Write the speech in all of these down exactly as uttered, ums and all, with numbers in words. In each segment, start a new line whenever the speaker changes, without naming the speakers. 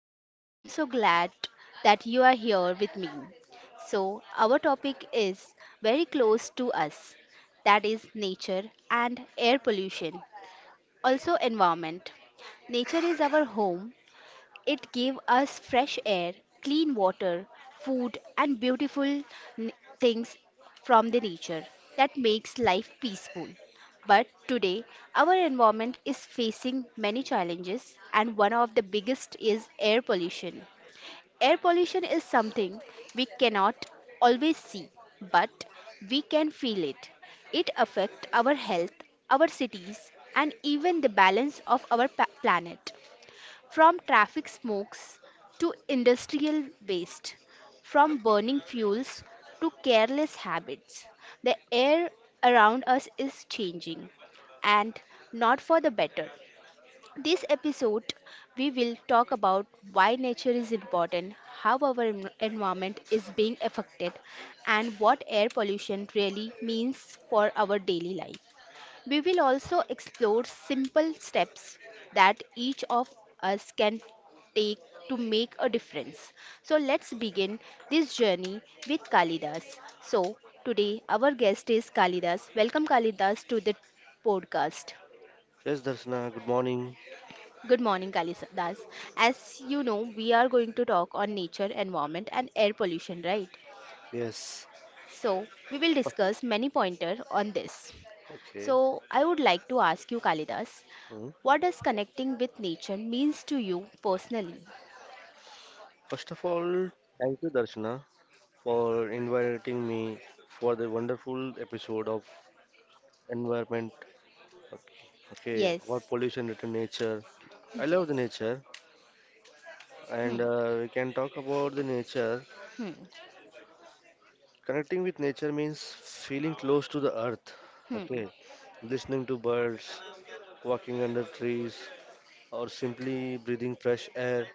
and I am so glad that you are here with me. So, our topic is very close to us, that is, nature and air pollution, also, environment. Nature is our home. It gave us fresh air, clean water, food, and beautiful n- things from the nature that makes life peaceful. But today, our environment is facing many challenges, and one of the biggest is air pollution. Air pollution is something we cannot always see, but we can feel it. It affects our health, our cities, and even the balance of our pa- planet. From traffic smokes to industrial waste, from burning fuels to careless habits, the air around us is changing, and not for the better. This episode, we will talk about why nature is important, how our en- environment is being affected, and what air pollution really means for our daily life. We will also explore simple steps that each of us can take to make a difference. So let's begin this journey with Kalidas. So today our guest is Kalidas. Welcome Kalidas to the podcast.
Yes, Darshana, good morning.
Good morning Kalidas. As you know, we are going to talk on nature, environment and air pollution, right?
Yes.
So we will discuss many pointers on this.
Okay.
So I would like to ask you, Kalidas,
Hmm.
what does connecting with nature means to you personally?
First of all, thank you, Darshana, for inviting me for the wonderful episode of environment. Okay. Okay.
Yes.
About pollution to nature. I love the
Yes.
nature, and
Hmm.
uh, we can talk about the nature.
Hmm.
Connecting with nature means feeling close to the earth.
Hmm.
Okay. Listening to birds, walking under trees, or simply breathing fresh air.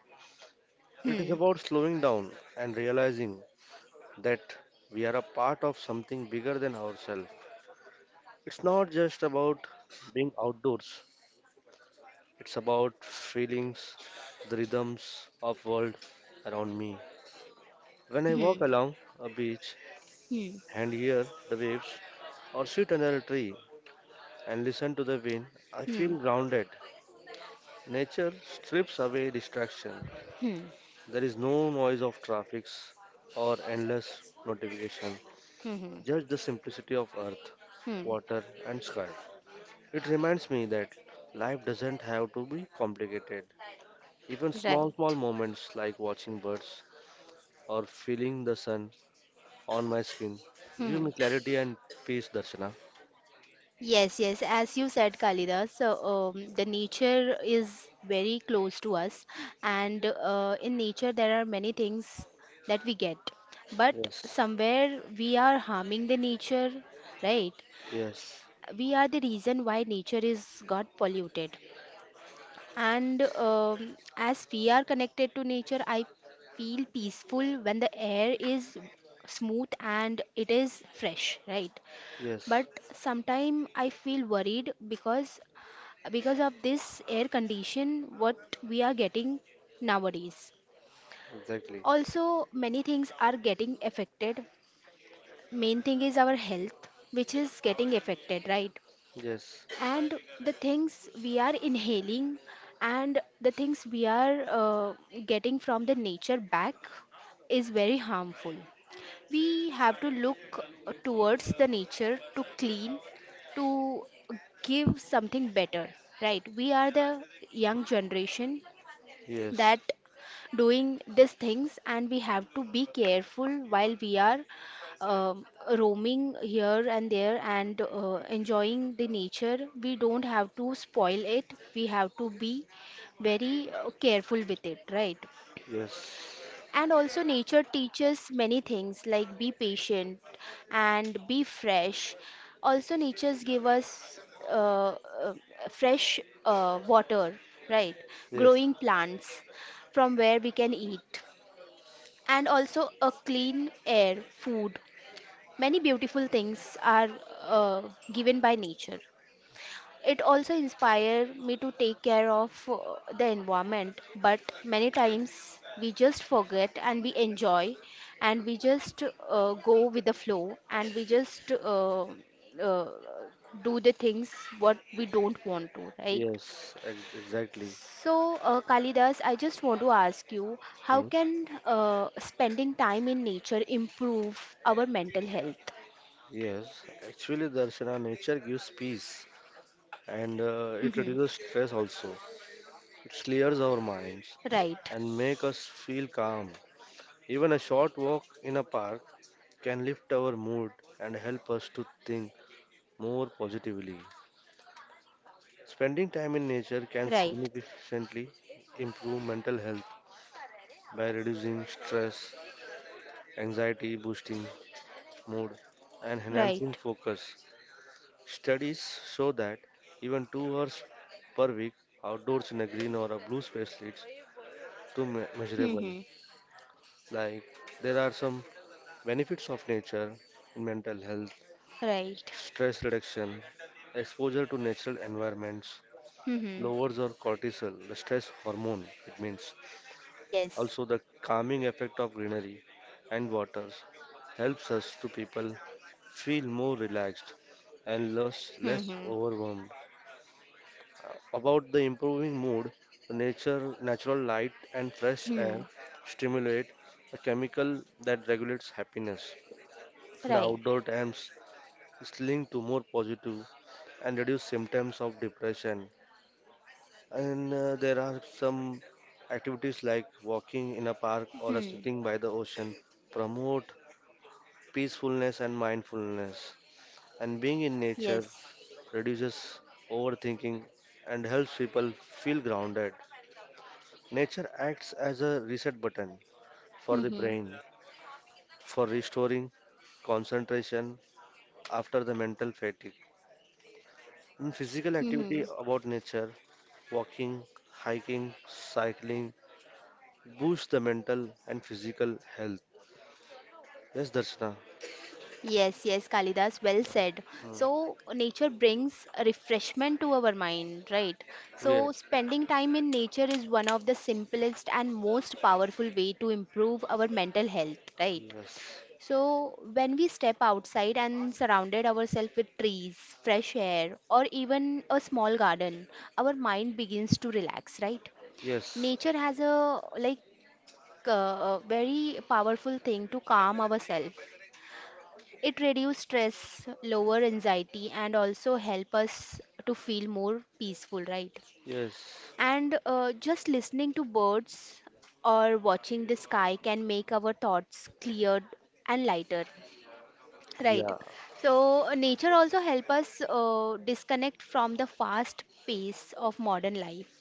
It is
Hmm.
about slowing down and realizing that we are a part of something bigger than ourselves. It's not just about being outdoors. It's about feelings, the rhythms of world around me. When
Hmm.
I walk
Hmm.
along a beach
Hmm.
and hear the waves or sit under a tree and listen to the wind, I
Hmm.
feel grounded. Nature strips away distraction.
Hmm.
There is no noise of traffic or endless notification.
Hmm.
Just the simplicity of earth,
Hmm.
water, and sky. It reminds me that life doesn't have to be complicated. Even small,
Right.
small moments like watching birds or feeling the sun on my skin give
Hmm.
me clarity and peace, Darshana.
Yes, yes, as you said, Kalidas. So um, the nature is very close to us, and uh, in nature there are many things that we get, but
Yes,
somewhere we are harming the nature, right?
yes,
We are the reason why nature is got polluted, and um, as we are connected to nature, i feel peaceful when the air is smooth and it is fresh, right? But
yes,
sometimes i feel worried because because of this air condition what we are getting nowadays,
exactly.
also many things are getting affected. Main thing is our health, which is getting affected, right?
Yes,
And the things we are inhaling and the things we are uh, getting from the nature back is very harmful. We have to look towards the nature, to clean, to give something better, right? We are the young generation that
yes,
doing these things, and we have to be careful while we are um, roaming here and there and uh, enjoying the nature. We don't have to spoil it. We have to be very uh, careful with it, right?
yes,
And also, nature teaches many things like be patient and be fresh. Also, nature's give us uh, uh, fresh uh, water, right?
yes,
Growing plants from where we can eat, and also a clean air, food. Many beautiful things are uh, given by nature. It also inspired me to take care of uh, the environment, but many times we just forget and we enjoy and we just uh, go with the flow, and we just uh, uh, do the things what we don't want to, right?
yes, ex- exactly.
So, uh, Kalidas, I just want to ask you, how
Hmm.
can uh, spending time in nature improve our mental health?
Yes, actually, Darshana, nature gives peace and uh, it
Mhm.
reduces stress also. It clears our minds
Right,
and make us feel calm. Even a short walk in a park can lift our mood and help us to think more positively. Spending time in nature can
right,
significantly improve mental health by reducing stress, anxiety, boosting mood, and enhancing
right.
focus. Studies show that even two hours per week outdoors in a green or a blue space leads to me- measurable.
Mhm.
Like there are some benefits of nature, in mental health,
Right.
stress reduction, exposure to natural environments,
Hmm, hmm.
lowers our cortisol, the stress hormone, it means.
Yes.
Also, the calming effect of greenery and waters helps us to people feel more relaxed and less, less
Mm-hmm.
overwhelmed. Uh, About the improving mood, the nature, natural light and fresh
Hmm.
air stimulate a chemical that regulates happiness. The
Right.
outdoor times is linked to more positive and reduced symptoms of depression. And uh, there are some activities like walking in a park or a
Hmm.
sitting by the ocean promote peacefulness and mindfulness. And being in nature
Yes.
reduces overthinking and helps people feel grounded. Nature acts as a reset button for the
Mm-hmm.
brain for restoring concentration after the mental fatigue. In physical activity
Mm-hmm.
about nature, walking, hiking, cycling boosts the mental and physical health. Yes, Darshana.
Yes, yes, Kalidas, well said.
Hmm.
So, nature brings a refreshment to our mind, right?
Yes,
So, spending time in nature is one of the simplest and most powerful way to improve our mental health, right?
yes,
So, when we step outside and surrounded ourselves with trees, fresh air, or even a small garden, our mind begins to relax, right?
yes,
Nature has a like uh, very powerful thing to calm ourselves. It reduces stress, lower anxiety, and also help us to feel more peaceful, right?
yes,
And uh, just listening to birds or watching the sky can make our thoughts cleared and lighter, right?
yeah,
So uh, nature also help us uh, disconnect from the fast pace of modern life.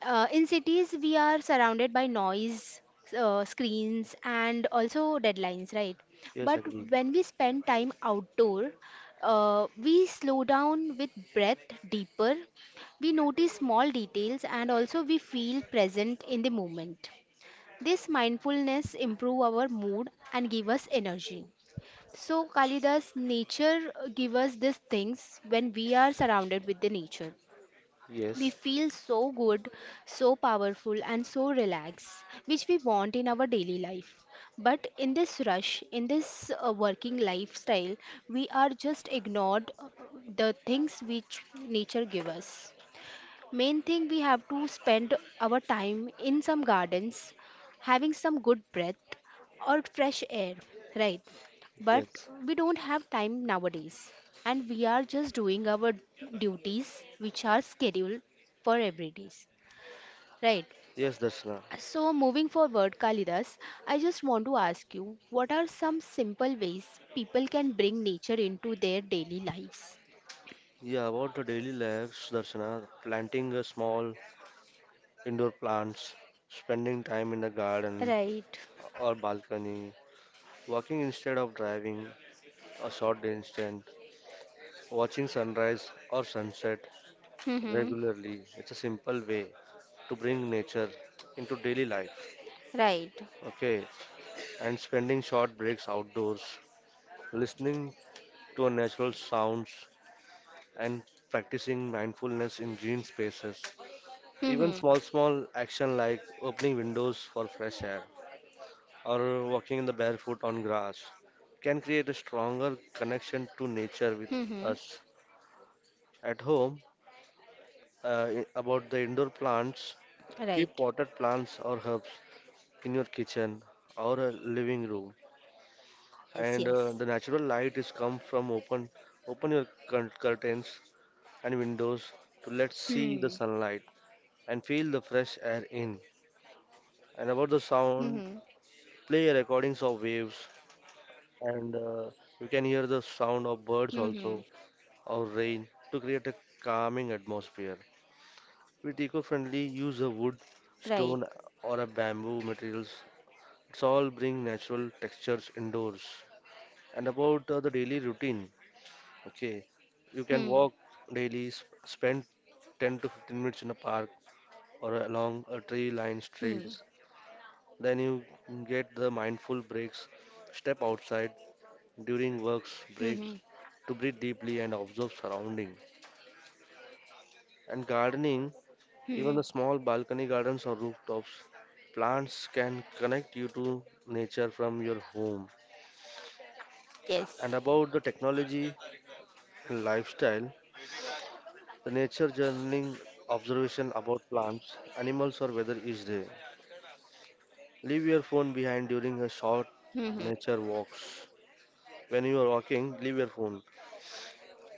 Uh, in cities, we are surrounded by noise, uh, screens, and also deadlines, right?
yes,
But
agree.
when we spend time outdoor, uh, we slow down with breath deeper. We notice small details and also we feel present in the moment. This mindfulness improve our mood and give us energy. So, Kalidas, nature uh, give us these things. When we are surrounded with the nature, we
Yes,
feel so good, so powerful, and so relaxed, which we want in our daily life. But in this rush, in this uh, working lifestyle, we are just ignored uh, the things which nature gives us. Main thing, we have to spend our time in some gardens, having some good breath or fresh air, right? But
yes,
we don't have time nowadays, and we are just doing our duties which are scheduled for every days, right?
yes, Darshana.
So moving forward, Kalidas, I just want to ask you, what are some simple ways people can bring nature into their daily lives?
Yeah, about the daily lives, Darshana, planting a small indoor plants, spending time in the garden
Right.
or balcony, walking instead of driving, a short distance, watching sunrise or sunset
Hmm.
regularly, it's a simple way to bring nature into daily life.
Right.
Okay, and spending short breaks outdoors, listening to natural sounds, and practicing mindfulness in green spaces. Even small, small action like opening windows for fresh air or walking in the barefoot on grass can create a stronger connection to nature with
Hmm.
us. At home, uh, about the indoor plants, keep
Right.
potted plants or herbs in your kitchen or a living room,
Yes,
and uh,
yes.
the natural light is come from open open your cur- curtains and windows to let see the
Hmm.
sunlight and feel the fresh air in. And about the sound,
Hmm.
play recordings of waves, and uh, you can hear the sound of birds
Hmm.
also or rain to create a calming atmosphere. With eco-friendly, use a wood,
Right.
stone, or a bamboo materials. It's all bring natural textures indoors. And about uh, the daily routine, okay, you can
Hmm.
walk daily, sp- spend ten to fifteen minutes in a park or along a tree-lined
Hmm.
streets. Then you get the mindful breaks, step outside during works
Hmm.
breaks to breathe deeply and observe surrounding. And gardening, even
Hmm.
the small balcony gardens or rooftops, plants can connect you to nature from your home.
Yes.
And about the technology, and lifestyle, the nature journaling observation about plants, animals or weather each day. Leave your phone behind during a short
Hmm.
nature walks. When you are walking, leave your phone.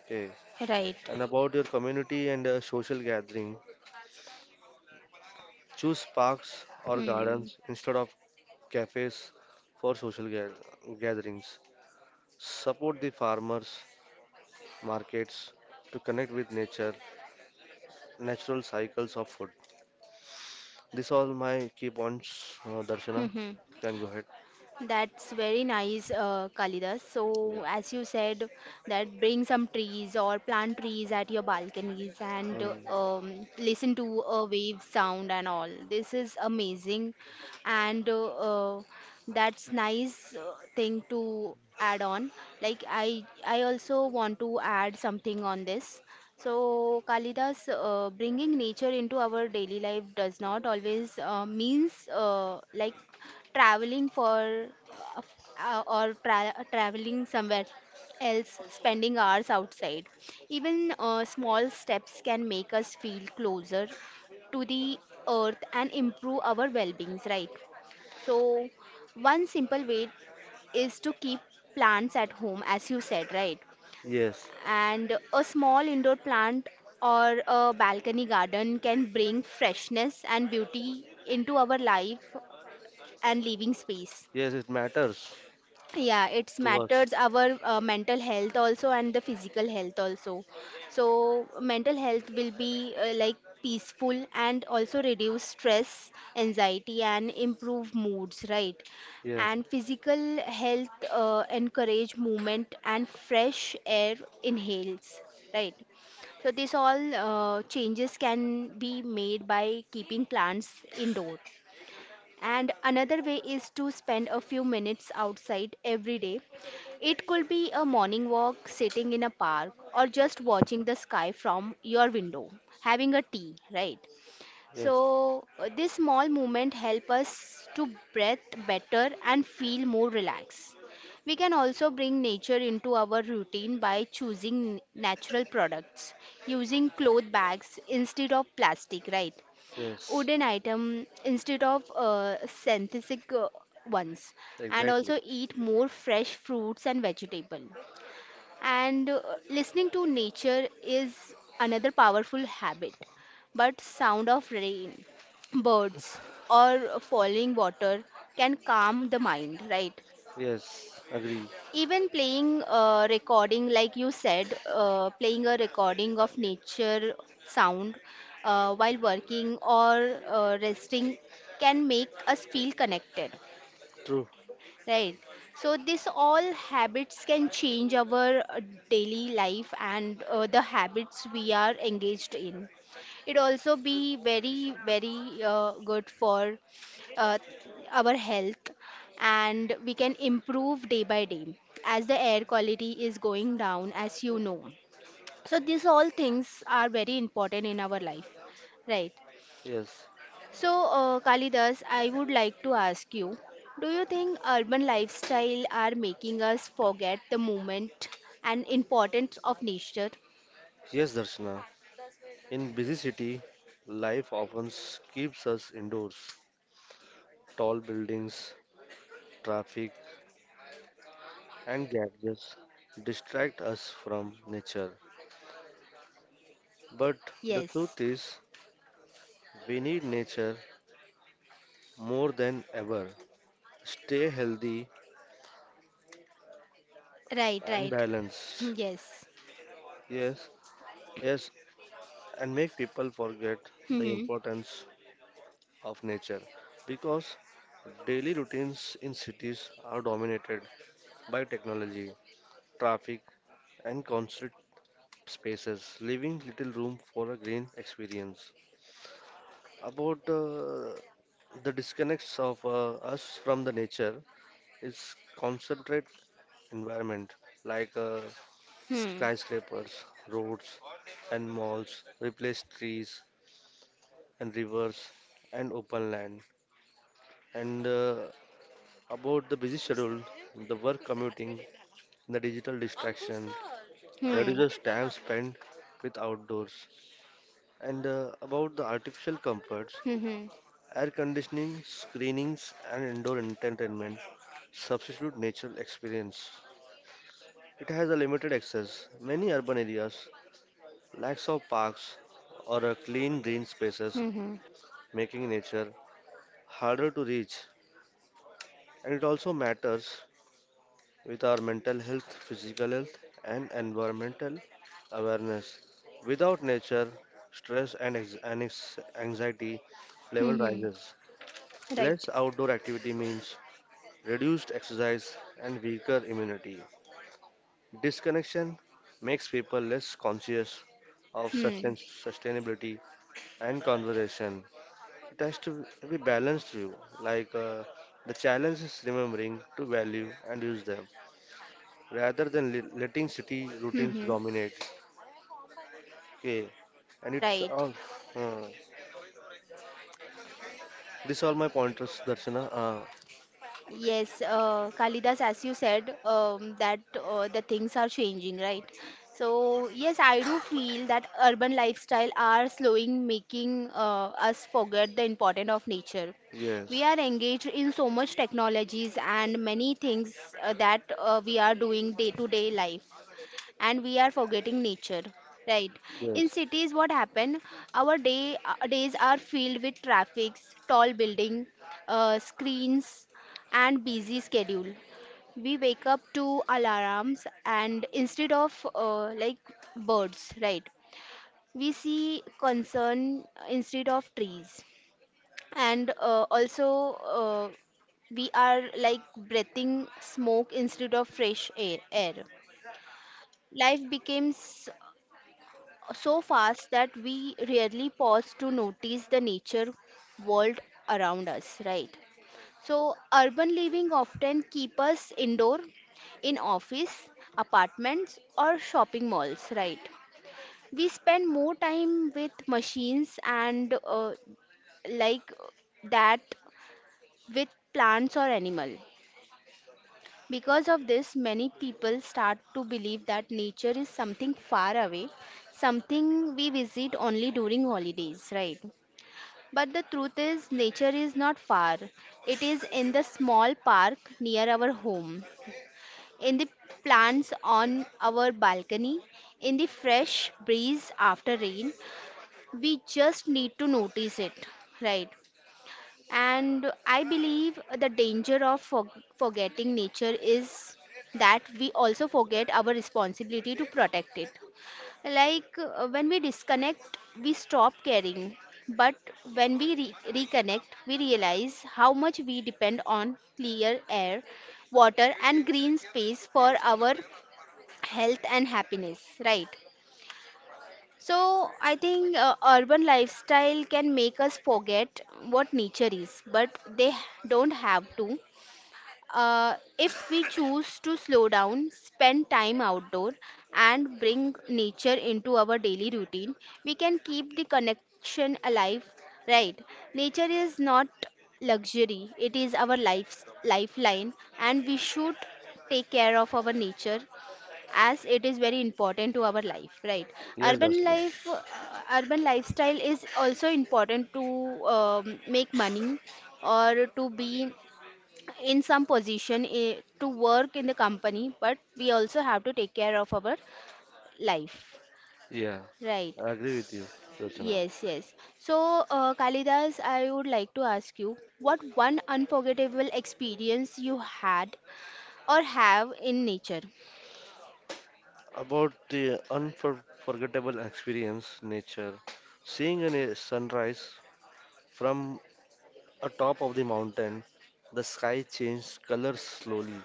Okay.
Right.
And about your community and uh, social gathering, choose parks or
Hmm.
gardens instead of cafes for social ga- gatherings. Support the farmers markets to connect with nature, natural cycles of food. This all my key points, uh, Darshana.
Hmm.
Can go ahead.
That's very nice, uh, Kalidas.
Yeah.
So, as you said, that bring some trees or plant trees at your balconies, and
Mm.
um, listen to a wave sound and all. This is amazing, and uh, uh, that's nice uh, thing to add on. Like I, I also want to add something on this. So, Kalidas, uh, bringing nature into our daily life does not always uh, means uh, like traveling for uh, uh, or tra- traveling somewhere else, spending hours outside. Even uh, small steps can make us feel closer to the earth and improve our well-beings, right? So one simple way is to keep plants at home, as you said, right?
Yes,
And a small indoor plant or a balcony garden can bring freshness and beauty into our life and living space.
yes, it matters
Yeah, it's
to us.
matters our uh, mental health also and the physical health also. So mental health will be uh, like peaceful, and also reduce stress, anxiety, and improve moods, right?
Yes,
And physical health, uh, encourage movement and fresh air inhales, right? So this all uh, changes can be made by keeping plants indoor. And another way is to spend a few minutes outside every day. It could be a morning walk, sitting in a park, or just watching the sky from your window, having a tea, right?
Yes,
So, uh, this small movement help us to breathe better and feel more relaxed. We can also bring nature into our routine by choosing natural products, using cloth bags instead of plastic, right?
yes,
Wooden item instead of uh, synthetic uh, ones, and
exactly.
also eat more fresh fruits and vegetable. And uh, listening to nature is another powerful habit. But sound of rain, birds, or falling water can calm the mind, right?
Yes, agree.
Even playing a recording, like you said, uh, playing a recording of nature sound uh, while working or uh, resting can make us feel connected.
True.
Right. So this all habits can change our uh, daily life and uh, the habits we are engaged in. It also be very very uh, good for uh, our health, and we can improve day by day as the air quality is going down, as you know. So these all things are very important in our life. Right.
Yes,
So, uh, Kalidas, I would like to ask you, do you think urban lifestyle are making us forget the moment and importance of nature?
yes, Darshana. In busy city, life often keeps us indoors. Tall buildings, traffic, and gadgets distract us from nature. But the
Yes.
truth is, we need nature more than ever. Stay healthy
Right,
and
right. Hmm,
balanced.
yes.
Yes, yes, and make people forget the
Hmm.
importance of nature because daily routines in cities are dominated by technology, traffic, and concrete spaces, leaving little room for a green experience. About uh, the disconnects of uh, us from the nature is concentrate environment like uh,
Hmm.
skyscrapers, roads, and malls replace trees and rivers and open land. And uh, about the busy schedule, the work commuting, the digital distraction
Hmm.
reduces time spent with outdoors. And uh, about the artificial comforts,
Hmm. Hmm. Hmm.
air conditioning, screenings, and indoor entertainment substitute natural experience. It has a limited access. Many urban areas lacks of parks or a clean green spaces,
Hmm. Hmm.
making nature harder to reach. And it also matters with our mental health, physical health, and environmental awareness. Without nature, stress and ex- and ex- anxiety level
Hmm, hmm.
rises.
Right.
Less outdoor activity means reduced exercise, and weaker immunity. Disconnection makes people less conscious of
Hmm.
sustain- sustainability and conservation. It has to be balanced view, like uh, the challenge is remembering to value and use them rather than le- letting city
Hmm.
routines
Hmm.
dominate. Okay, and it's
Right.
all. Uh, this all my pointers, Darshana. Uh,
Yes, uh, Kalidas, as you said, um, that uh, the things are changing, right? So, yes, I do feel that urban lifestyle are slowing, making uh, us forget the importance of nature. We
yes,
are engaged in so much technologies and many things uh, that uh, we are doing day to day life, and we are forgetting nature, right? In
yes,
cities, what happen, our day uh, days are filled with traffics, tall building, uh, screens, and busy schedule. We wake up to alarms and instead of uh, like birds, right, we see concern instead of trees, and uh, also uh, we are like breathing smoke instead of fresh air air Life becomes so fast that we rarely pause to notice the nature world around us, right? So, urban living often keep us indoor, in office, apartments or shopping malls, right? We spend more time with machines and uh, like that with plants or animal. Because of this, many people start to believe that nature is something far away, something we visit only during holidays, right? But the truth is, nature is not far. It is in the small park near our home, in the plants on our balcony, in the fresh breeze after rain. We just need to notice it, right? And I believe the danger of for- forgetting nature is that we also forget our responsibility to protect it. Like uh, when we disconnect, we stop caring. But when we re- reconnect, we realize how much we depend on clear air, water, and green space for our health and happiness, right? So I think uh, urban lifestyle can make us forget what nature is, but they don't have to. Uh, if we choose to slow down, spend time outdoor, and bring nature into our daily routine, we can keep the connection alive. Right? Nature is not luxury; it is our life's lifeline, and we should take care of our nature as it is very important to our life, right?
yes,
Urban
Darshana.
life, uh, urban lifestyle is also important to, um, make money or to be in some position, eh, to work in the company, but we also have to take care of our life,
Yeah,
right?
I agree with you, Darshana.
Yes yes so uh, Kalidas, I would like to ask you what one unforgettable experience you had or have in nature.
About the unforgettable experience nature, seeing a sunrise from atop of the mountain, the sky changed colors slowly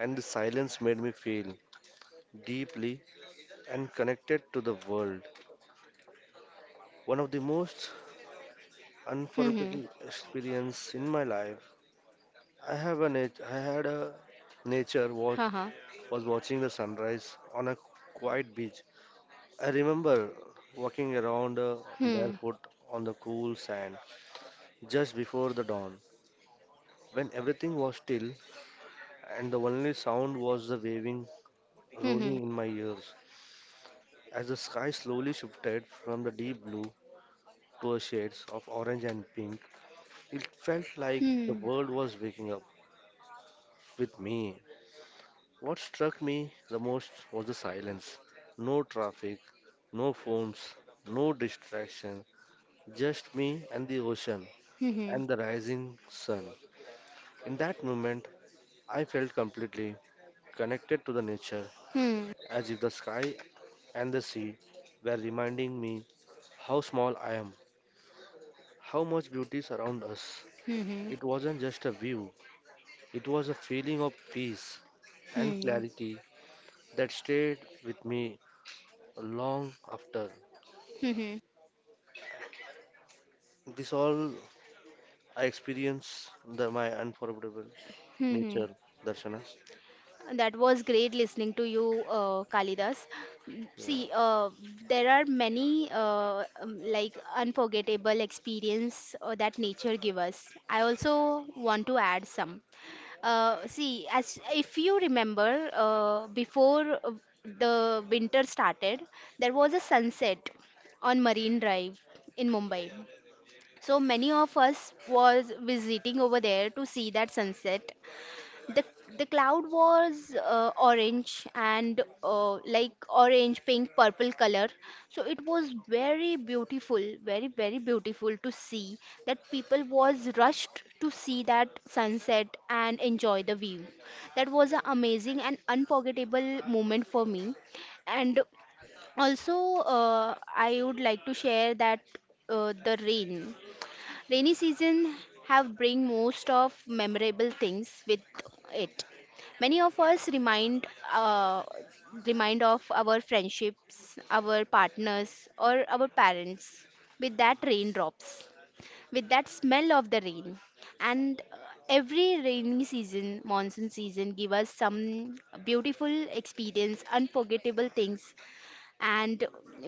and the silence made me feel deeply and connected to the world. One of the most
Hmm, hmm.
unforgettable experience in my life, i have a nat- i had a nature watch
Uh-huh.
was watching the sunrise on a quiet beach. I remember walking around uh,
Hmm,
barefoot on the cool sand just before the dawn, when everything was still and the only sound was the waving
hmm. Hmm.
rolling in my ears as the sky slowly shifted from the deep blue to a shades of orange and pink. It felt like the
Hmm.
world was waking up with me. What struck me the most was the silence. No traffic, no phones, no distraction, just me and the ocean
Mhm.
and the rising sun. In that moment, I felt completely connected to the nature,
Hmm.
as if the sky and the sea were reminding me how small I am, how much beauty surrounds us.
Mhm.
It wasn't just a view, it was a feeling of peace and
Hmm.
clarity that stayed with me long after.
Mhm.
This all I experienced the, my unforgettable
Mhm.
nature, Darshana.
That was great listening to you, uh, Kalidas. Mm,
Yeah.
see, uh, there are many uh, um, like unforgettable experience uh, that nature give us. I also want to add some. Uh, see, as if you remember, uh, before uh, the winter started, there was a sunset on Marine Drive in Mumbai. So many of us was visiting over there to see that sunset. The the cloud was uh, orange and uh, like orange, pink, purple color. So it was very beautiful, very very beautiful to see that people was rushed to see that sunset and enjoy the view. That was an amazing and unforgettable moment for me. And also, uh, I would like to share that uh, the rain. Rainy season have bring most of memorable things with it. Many of us remind uh, remind of our friendships, our partners, or our parents with that raindrops, with that smell of the rain. And uh, every rainy season, monsoon season, give us some beautiful experience, unforgettable things, and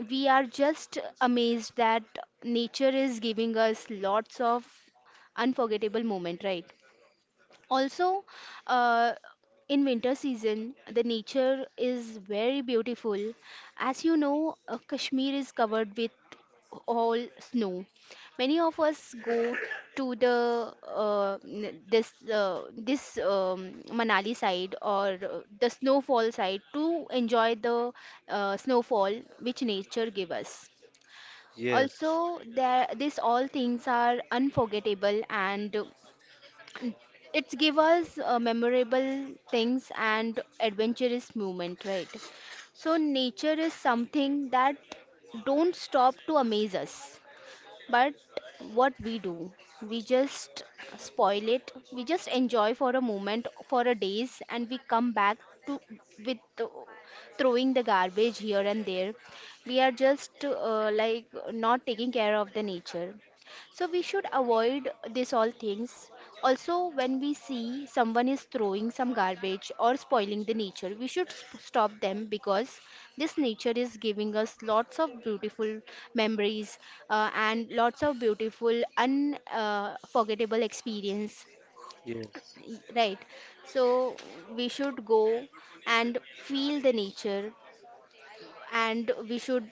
we are just amazed that nature is giving us lots of unforgettable moment, right? Also, uh, in winter season, the nature is very beautiful. As you know, uh, Kashmir is covered with all snow. Many of us go to the uh, n- this uh, this um, Manali side or uh, the snowfall side to enjoy the uh, snowfall which nature give us.
Yes,
Also, there, these all things are unforgettable and it's give us uh, memorable things and adventurous movement, right? So nature is something that don't stop to amaze us, but what we do, we just spoil it. We just enjoy for a moment, for a days, and we come back to with uh, throwing the garbage here and there. We are just uh, like not taking care of the nature. So we should avoid this all things. Also, when we see someone is throwing some garbage or spoiling the nature, we should sp- stop them because this nature is giving us lots of beautiful memories uh, and lots of beautiful unforgettable experience.
yes,
Y- Right. So we should go and feel the nature and we should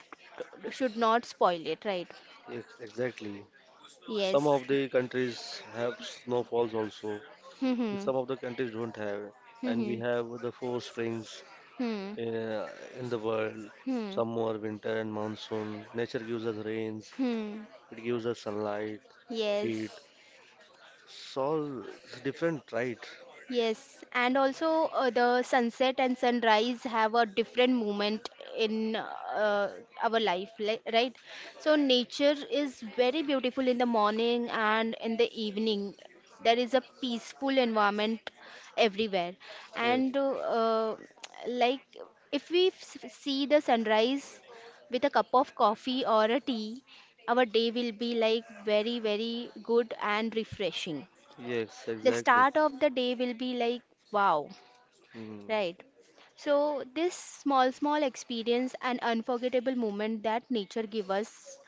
should not spoil it, right?
yes, exactly. Some
Yes.
of the countries have snowfalls also, and
Mhm.
some of the countries don't have. And we
Mhm.
have the four springs
Hmm.
uh, in the world
Hmm.
summer, winter, and monsoon. Nature gives us rains,
Hmm.
it gives us sunlight, heat.
Yes.
It's all different, right?
Yes, and also uh, the sunset and sunrise have a different moment in uh, our life, like, right? So nature is very beautiful in the morning and in the evening. There is a peaceful environment everywhere,
Yeah.
and uh, uh, like if we s- see the sunrise with a cup of coffee or a tea, our day will be like very, very good and refreshing.
Yes,
The
exactly.
start of the day will be like wow,
Mm,
right? So this small small experience and unforgettable moment that nature give us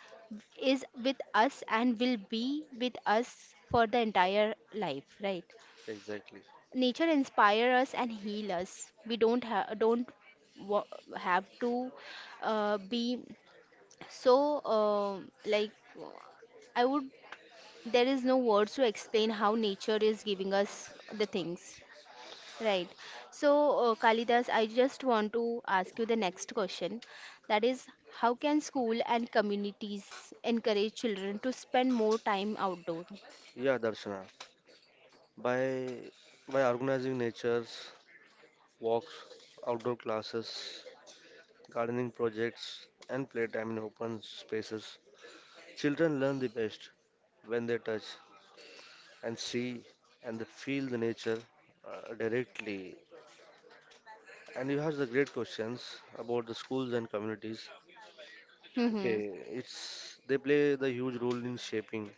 is with us and will be with us for the entire life, right?
exactly.
Nature inspire us and heal us. We don't have don't wa- have to uh, be so uh, like i would there is no words to explain how nature is giving us the things. Right. So, uh, Kalidas, I just want to ask you the next question. That is, how can school and communities encourage children to spend more time outdoor?
Yeah, Darshana. By by organizing nature's walks, outdoor classes, gardening projects, and playtime in open spaces, children learn the best when they touch and see and they feel the nature uh, directly. And you have the great questions about the schools and communities.
Hmm.
Okay, it's they play the huge role in shaping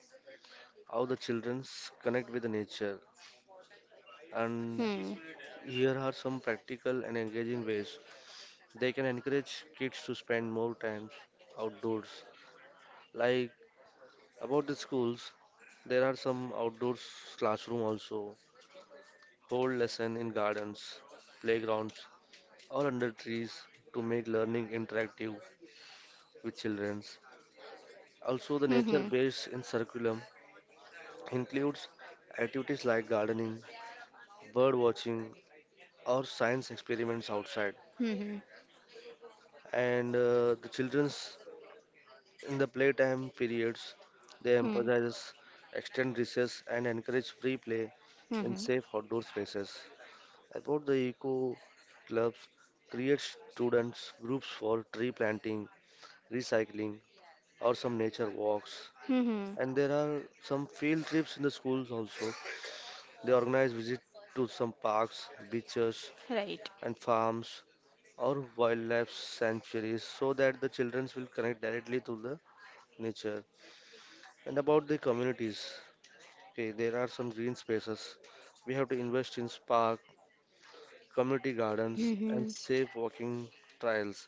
how the children connect with nature, and
Hmm.
here are some practical and engaging ways they can encourage kids to spend more time outdoors. Like about the schools, there are some outdoors classroom also, hold lesson in gardens, playgrounds, or under trees to make learning interactive with children. Also, the
Hmm.
nature-based in curriculum includes activities like gardening bird watching, or science experiments outside.
Hmm. Hmm.
And uh, the children's in the playtime periods, they
Hmm.
emphasize extend recess and encourage free play
Hmm.
in
Hmm,
safe outdoor spaces. About the eco clubs, create students groups for tree planting, recycling, or some nature walks.
hmm, hmm.
And there are some field trips in the schools also. They organize visit to some parks, beaches,
Right.
and farms or wildlife sanctuaries so that the children will connect directly to the nature. And about the communities, okay, there are some green spaces. We have to invest in park, community gardens,
Hmm.
and
Hmm.
safe walking trails.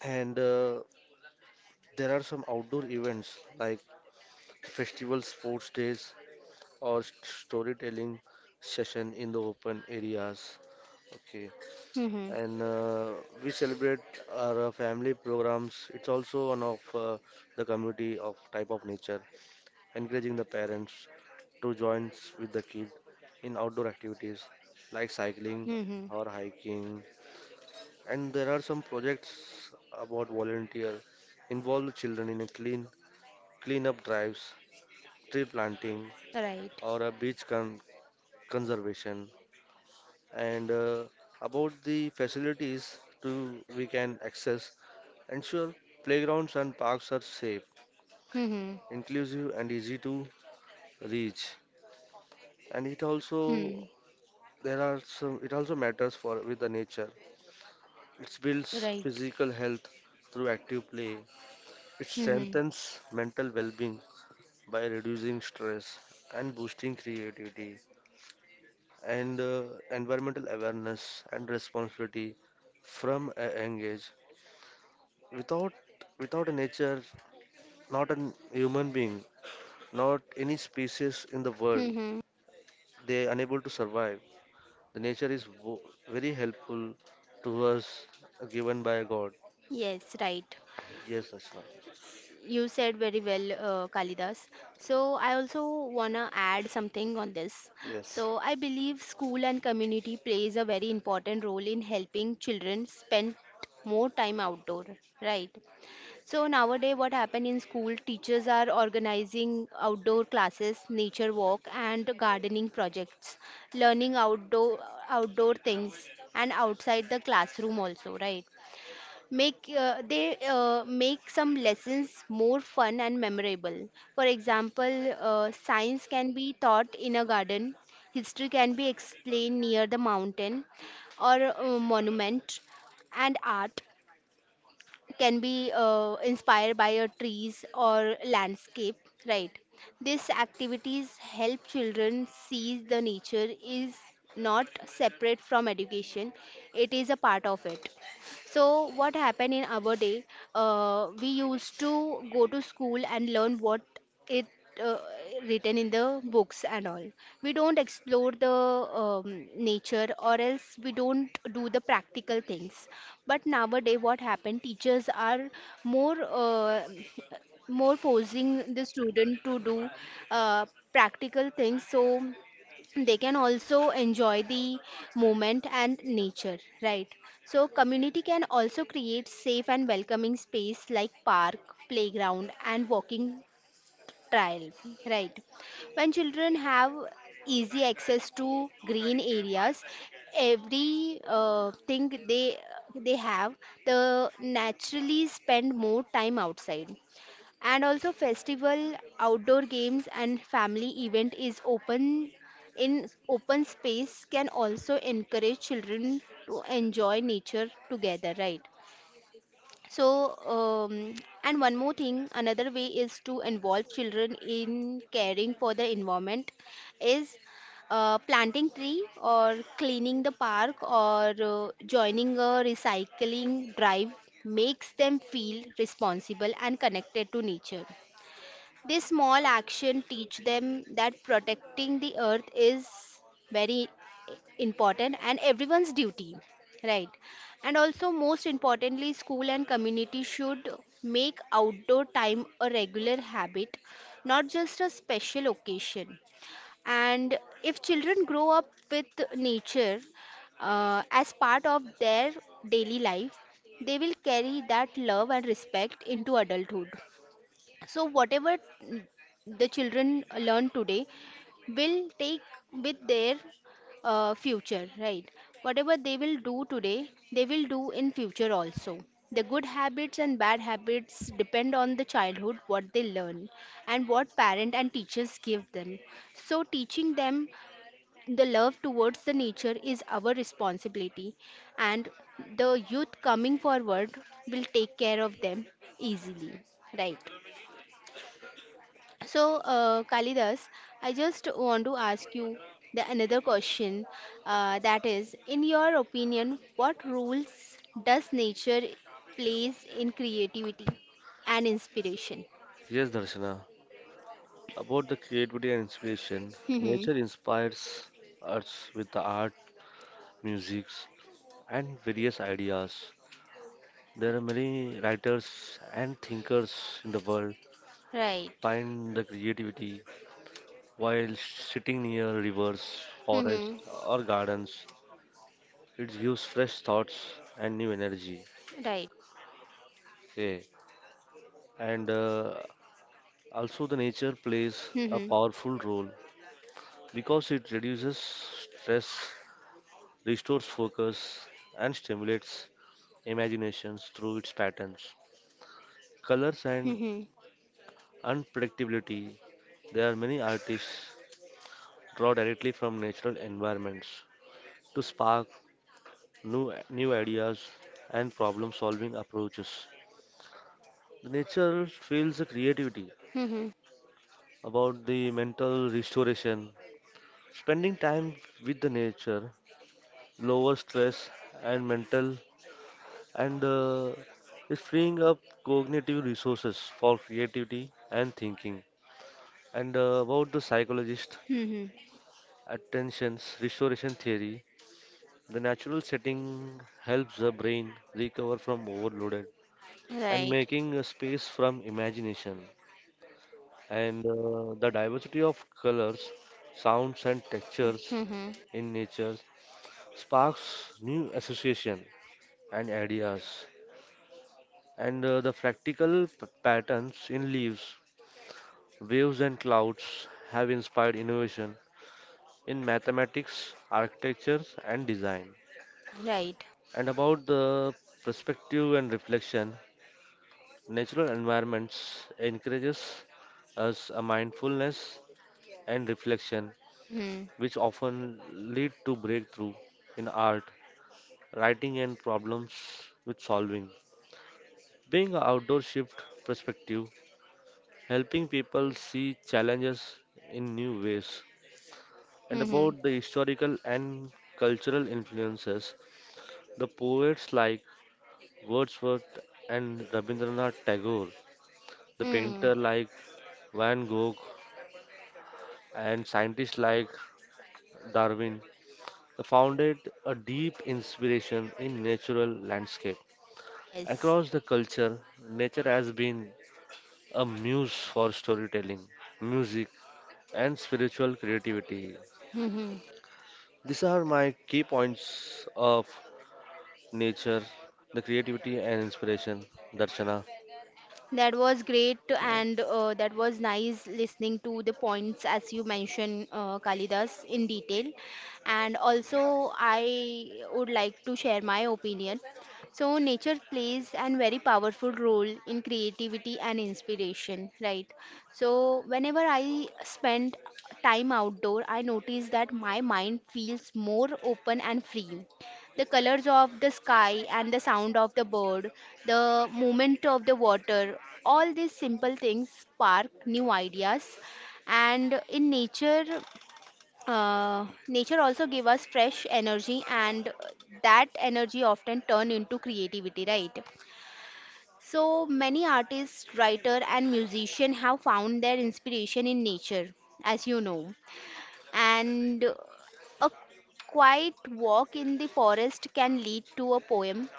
And uh, there are some outdoor events like festival sports days or st- storytelling session in the open areas. Okay,
Hmm. Hmm,
and uh, we celebrate our uh, family programs. It's also one of uh, the community of type of nature, encouraging the parents to join with the kid in outdoor activities like cycling
hmm, hmm.
or hiking. And there are some projects about volunteer involve children in a clean cleanup drives, tree planting,
Right.
or a beach con- conservation. And uh, about the facilities to we can access, ensure playgrounds and parks are safe,
Hmm. Hmm.
inclusive, and easy to reach. And it
Hmm.
also there are some it also matters for with the nature. It builds
Right.
physical health through active play. It
Hmm. Hmm.
strengthens mental well-being by reducing stress and boosting creativity and uh, environmental awareness and responsibility from a young age. Without without a nature, not a human being, not any species in the world
Hmm, hmm.
they unable to survive. The nature is wo- very helpful to us, given by God.
Yes, right.
Yes, Darshana.
You said very well, uh, Kalidas. So, I also want to add something on this.
Yes.
So, I believe school and community plays a very important role in helping children spend more time outdoor, right? So, nowadays, what happen in school, teachers are organizing outdoor classes, nature walk, and gardening projects, learning outdoor outdoor things and outside the classroom also, right? Make uh, they uh, make some lessons more fun and memorable. For example, uh, science can be taught in a garden, history can be explained near the mountain or a monument, and art can be uh, inspired by a trees or landscape, right? These activities help children see the nature is not separate from education, it is a part of it. So, what happened in our day? Uh, we used to go to school and learn what it uh, written in the books and all. We don't explore the um, nature, or else we don't do the practical things. But nowadays, what happened? Teachers are more uh, more forcing the student to do uh, practical things. So they can also enjoy the moment and nature, right? So community can also create safe and welcoming space like park, playground, and walking trail, right? When children have easy access to green areas, every uh, thing they they have, the naturally spend more time outside. And also festival, outdoor games, and family event is open in open space can also encourage children to enjoy nature together, right? So, um, and one more thing, another way is to involve children in caring for the environment, is uh, planting tree or cleaning the park or uh, joining a recycling drive, makes them feel responsible and connected to nature. This small action teach them that protecting the earth is very important and everyone's duty, right? And also, most importantly, school and community should make outdoor time a regular habit, not just a special occasion. And if children grow up with nature uh, as part of their daily life, they will carry that love and respect into adulthood. So, whatever, mm, the children learn today will take with their uh, future, right? Whatever they will do today, they will do in future also. The good habits and bad habits depend on the childhood, what they learn, and what parent and teachers give them. So, teaching them the love towards the nature is our responsibility, and the youth coming forward will take care of them easily, right? So, uh, Kalidas, I just want to ask you the another question. Uh, that is, in your opinion, what roles does nature plays in creativity and inspiration?
Yes, Darshana. About the creativity and inspiration,
Hmm.
nature inspires us with the art, music, and various ideas. There are many writers and thinkers in the world
Right.
find the creativity while sitting near rivers, forests,
Hmm.
or gardens. It gives fresh thoughts and new energy.
Right.
Yeah. and uh, also the nature plays a
Hmm.
powerful role because it reduces stress, restores focus, and stimulates imaginations through its patterns, colors, and
Hmm.
unpredictability. There are many artists draw directly from natural environments to spark new new ideas and problem solving approaches. The nature feels the creativity.
Hmm.
About the mental restoration, spending time with the nature lower stress and mental, and uh, it's freeing up cognitive resources for creativity and thinking. And uh, about the psychologist
Hmm.
attentions restoration theory, the natural setting helps the brain recover from overloaded and
Right.
making a space from imagination. And uh, the diversity of colors, sounds, and textures
Hmm.
in nature sparks new association and ideas. And uh, the fractal p- patterns in leaves, waves, and clouds have inspired innovation in mathematics, architecture, and design.
Right.
And about the perspective and reflection, natural environments encourages us a mindfulness and reflection,
Hmm.
which often lead to breakthrough in art, writing, and problems with solving. Being an outdoor shift perspective, helping people see challenges in new ways. And
Hmm.
about the historical and cultural influences, the poets like Wordsworth and Rabindranath Tagore, the
Hmm.
painter like Van Gogh, and scientists like Darwin founded a deep inspiration in natural landscape.
Yes.
Across the culture, nature has been a muse for storytelling, music, and spiritual creativity.
Hmm.
These are my key points of nature, the creativity and inspiration, Darshana.
That was great, and uh, that was nice listening to the points as you mentioned, uh, Kalidas, in detail. And also, I would like to share my opinion. So, nature plays a very powerful role in creativity and inspiration, right? So, whenever I spend time outdoor, I notice that my mind feels more open and free. The colors of the sky and the sound of the bird, the movement of the water, all these simple things spark new ideas. And in nature, uh, nature also give us fresh energy, and that energy often turn into creativity, right? So many artists, writer, and musician have found their inspiration in nature, as you know, and a quiet walk in the forest can lead to a poem,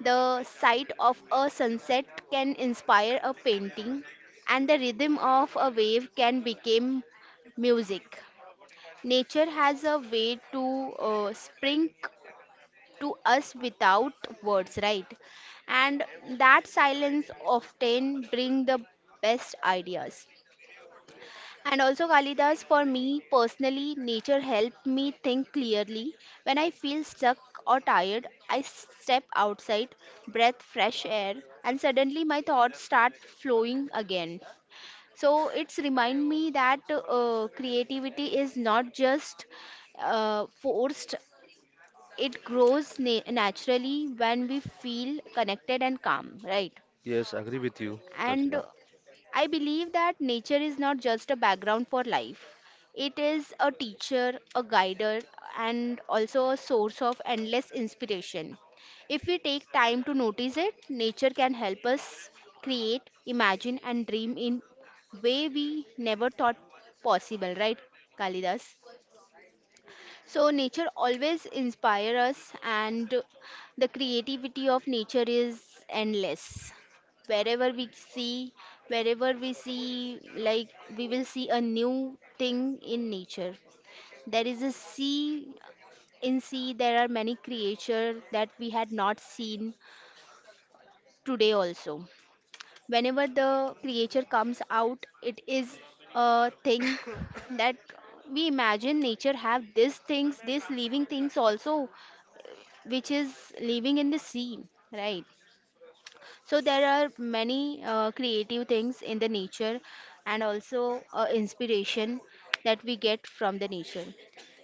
the sight of a sunset can inspire a painting, and the rhythm of a wave can become music. Nature has a way to uh, spring to us without words, right? And that silence often bring the best ideas. And also, Kalidas, for me personally, nature helped me think clearly. When I feel stuck or tired, I step outside, breath fresh air, and suddenly my thoughts start flowing again. So it's remind me that uh, creativity is not just uh, forced; it grows na- naturally when we feel connected and calm, right?
Yes, agree with you, Darshana.
And I believe that nature is not just a background for life. It is a teacher, a guider, and also a source of endless inspiration. If we take time to notice it, nature can help us create, imagine, and dream in way we never thought possible, right, Kalidas? So nature always inspire us and the creativity of nature is endless. Wherever we see, Wherever we see, like we will see a new thing in nature. There is a sea, in sea there are many creatures that we had not seen today also. Whenever the creature comes out, it is a thing that we imagine nature have these things, these living things also, which is living in the sea, right? So there are many uh, creative things in the nature and also uh, inspiration that we get from the nature,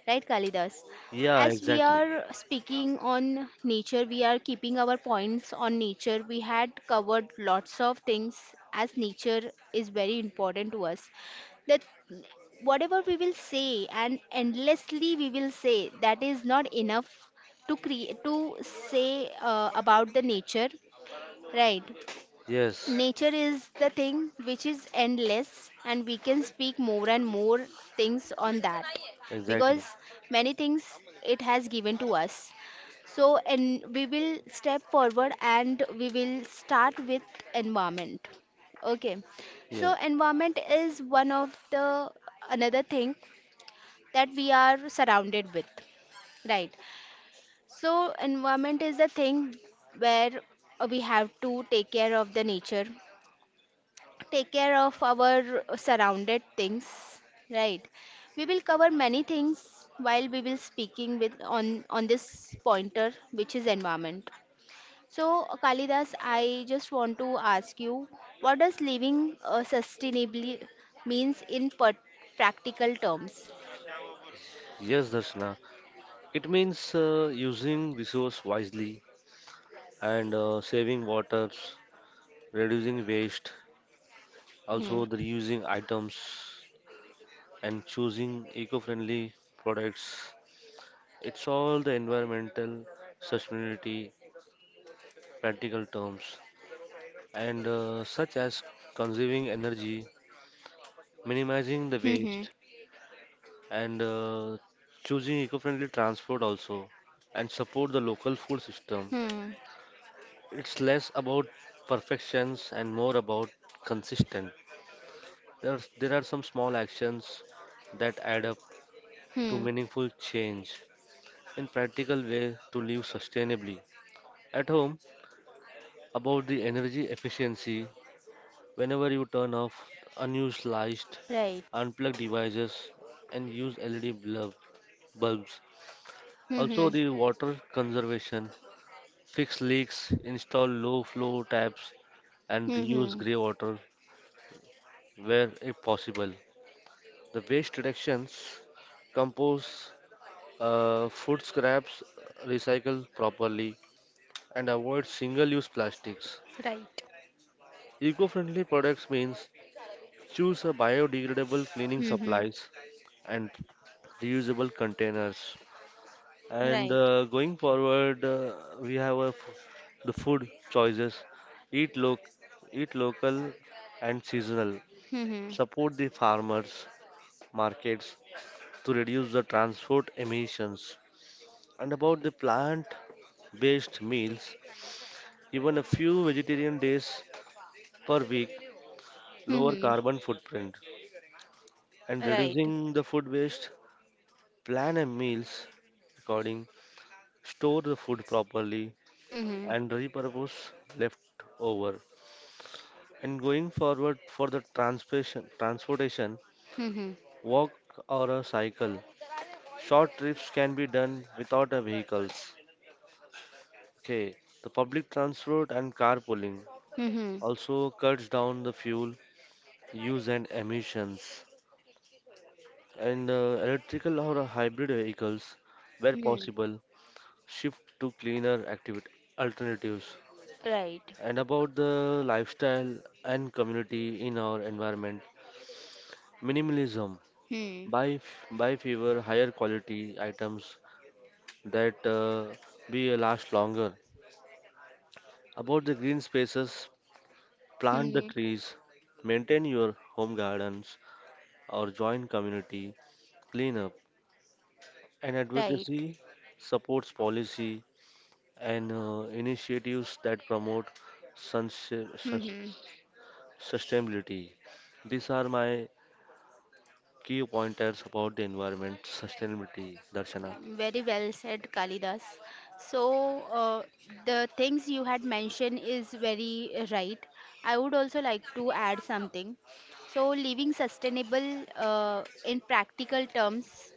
right, Kalidas?
Yeah,
As we
exactly.
are speaking on nature, we are keeping our points on nature. We had covered lots of things as nature is very important to us. The whatever we will say and endlessly we will say that is not enough to create to say uh, about the nature, right.
Yes,
Nature is the thing which is endless and we can speak more and more things on that
exactly.
because many things it has given to us. So and we will step forward and we will start with environment, okay. So
Yeah.
environment is one of the another thing that we are surrounded with, right. So environment is the thing where uh, we have to take care of the nature, take care of our surrounded things, right. We will cover many things while we will speaking with on on this pointer which is environment. So uh, Kalidas, I just want to ask you, what does living uh, sustainably means in per- practical terms?
Yes, Darshana. It means uh, using resource wisely and uh, saving water, reducing waste,
Hmm.
also the reusing items and choosing eco-friendly products. It's all the environmental sustainability practical terms. and uh, such as conserving energy, minimizing the
Hmm. Hmm.
waste, and uh, choosing eco-friendly transport also, and support the local food system.
Hmm.
It's less about perfections and more about consistent. There are, there are some small actions that add up to
Hmm.
meaningful change in practical way to live sustainably. At home, about the energy efficiency. Whenever you turn off unused lights,
Right.
unplug devices, and use L E D bulb- bulbs. Also,
Hmm.
the water conservation, fix leaks, install low flow taps, and reuse
Hmm.
grey water where if possible. The waste reductions, compost uh, food scraps, recycle properly, and avoid single use plastics.
Right.
Eco friendly products means choose a biodegradable cleaning
Hmm.
supplies and reusable containers. And
Right.
uh, going forward, uh, we have a f- the food choices. Eat loc, eat local and seasonal.
Hmm.
Support the farmers markets to reduce the transport emissions. And about the plant-based meals, even a few vegetarian days per week
Hmm. Right. Hmm.
lower
Hmm. Hmm.
carbon footprint. And
Right.
reducing the food waste, plan a meals according, store the food properly, and repurpose left over. And going forward for the transportation, transportation, walk or a cycle. Short trips can be done without a vehicles. Okay, the public transport and carpooling also cuts down the fuel use and emissions. And uh, electrical or uh, hybrid vehicles, where possible, shift to cleaner activity alternatives. And about the lifestyle and community in our environment, minimalism.
Hmm.
Buy, f- buy fewer, higher quality items that uh, will last longer. About the green spaces, plant the
Hmm.
trees, maintain your home gardens or join community cleanup. And
Right.
advocacy supports policy and uh, initiatives that promote suns- sus-
Hmm.
sustainability. These are my key pointers about the environment sustainability, Darshana.
Very well said, Kalidas. So, uh, the things you had mentioned is very uh, right. I would also like to add something. So, living sustainable uh, in practical terms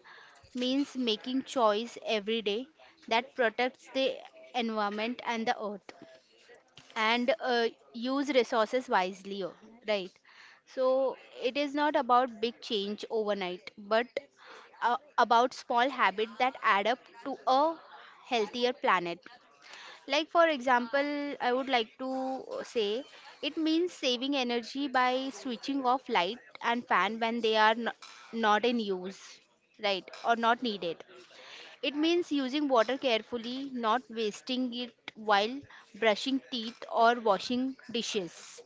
means making choice every day that protects the environment and the earth and uh, use resources wisely, oh, right. So it is not about big change overnight but uh, about small habits that add up to a healthier planet. Like for example, I would like to uh, say it means saving energy by switching off light and fan when they are n- not in use, right, or not needed. It means using water carefully, not wasting it while brushing teeth or washing dishes.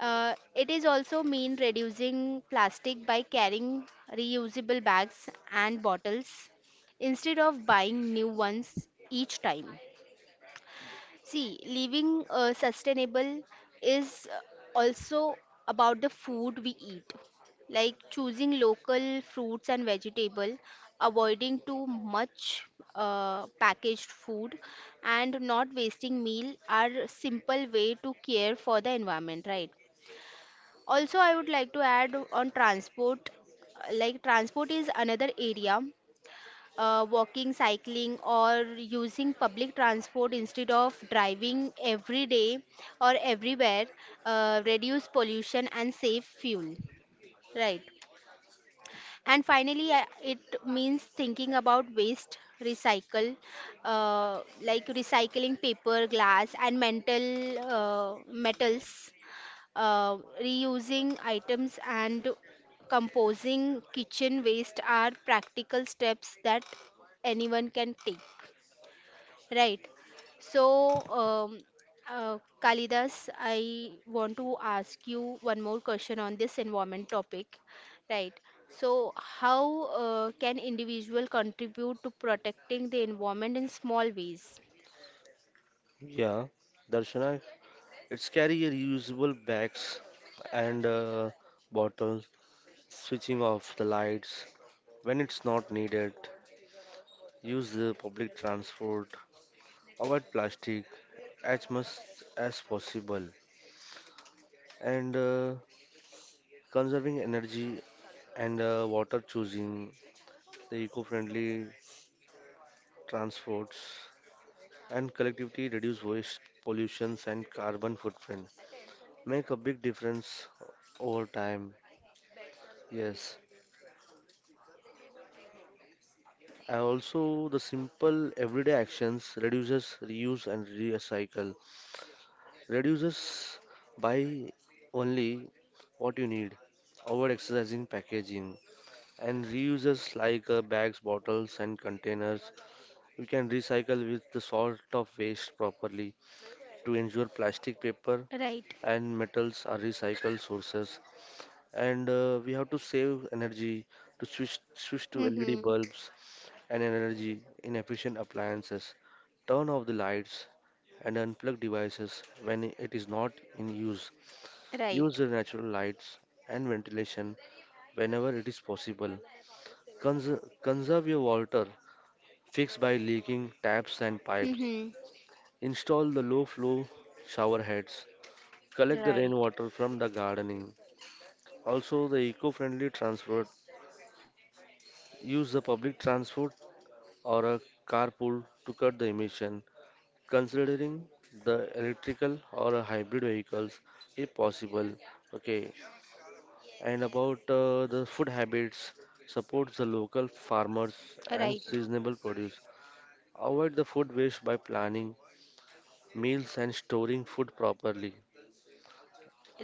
Uh, it is also mean reducing plastic by carrying reusable bags and bottles instead of buying new ones each time. See, living uh, sustainable is uh, also about the food we eat, like choosing local fruits and vegetable, avoiding too much uh, packaged food, and not wasting meal are simple way to care for the environment, right? Also, I would like to add on transport, uh, like transport is another area. Uh, walking, cycling, or using public transport instead of driving every day or everywhere, uh, reduce pollution and save fuel. Right. And finally, uh, it means thinking about waste, recycle, uh, like recycling paper, glass, and mental uh, metals, uh, reusing items, and composing kitchen waste are practical steps that anyone can take. Right. So, um, uh, Kalidas, I want to ask you one more question on this environment topic. Right. So, how uh, can individual contribute to protecting the environment in small ways?
Yeah, Darshana, it's carry a reusable bags and uh, bottles, switching off the lights when it's not needed, use the public transport, avoid plastic as much as possible, and uh, conserving energy and uh, water, choosing the eco-friendly transports and collectively reduce waste, pollutions and carbon footprint. Make a big difference over time. Yes. And also the simple everyday actions reduces reuse and recycle. Reduces by only what you need, over exercising packaging and reuses like uh, bags, bottles and containers. You can recycle with the sort of waste properly to ensure plastic, paper
Right.
and metals are recycled sources and uh, we have to save energy to switch switch to L E D
Mm-hmm.
bulbs and energy in efficient appliances. Turn off the lights and unplug devices when it is not in use. Use
Right.
the natural lights and ventilation whenever it is possible. Cons- conserve your water. Fix by leaking taps and pipes.
Mm-hmm.
Install the low flow shower heads. Collect the
Right.
rainwater from the gardening. Also, the eco friendly transfer, use the public transport or a carpool to cut the emission. Considering the electrical or a hybrid vehicles if possible. Okay, and about uh, the food habits, supports the local farmers and
Right.
seasonable produce. Avoid the food waste by planning meals and storing food properly.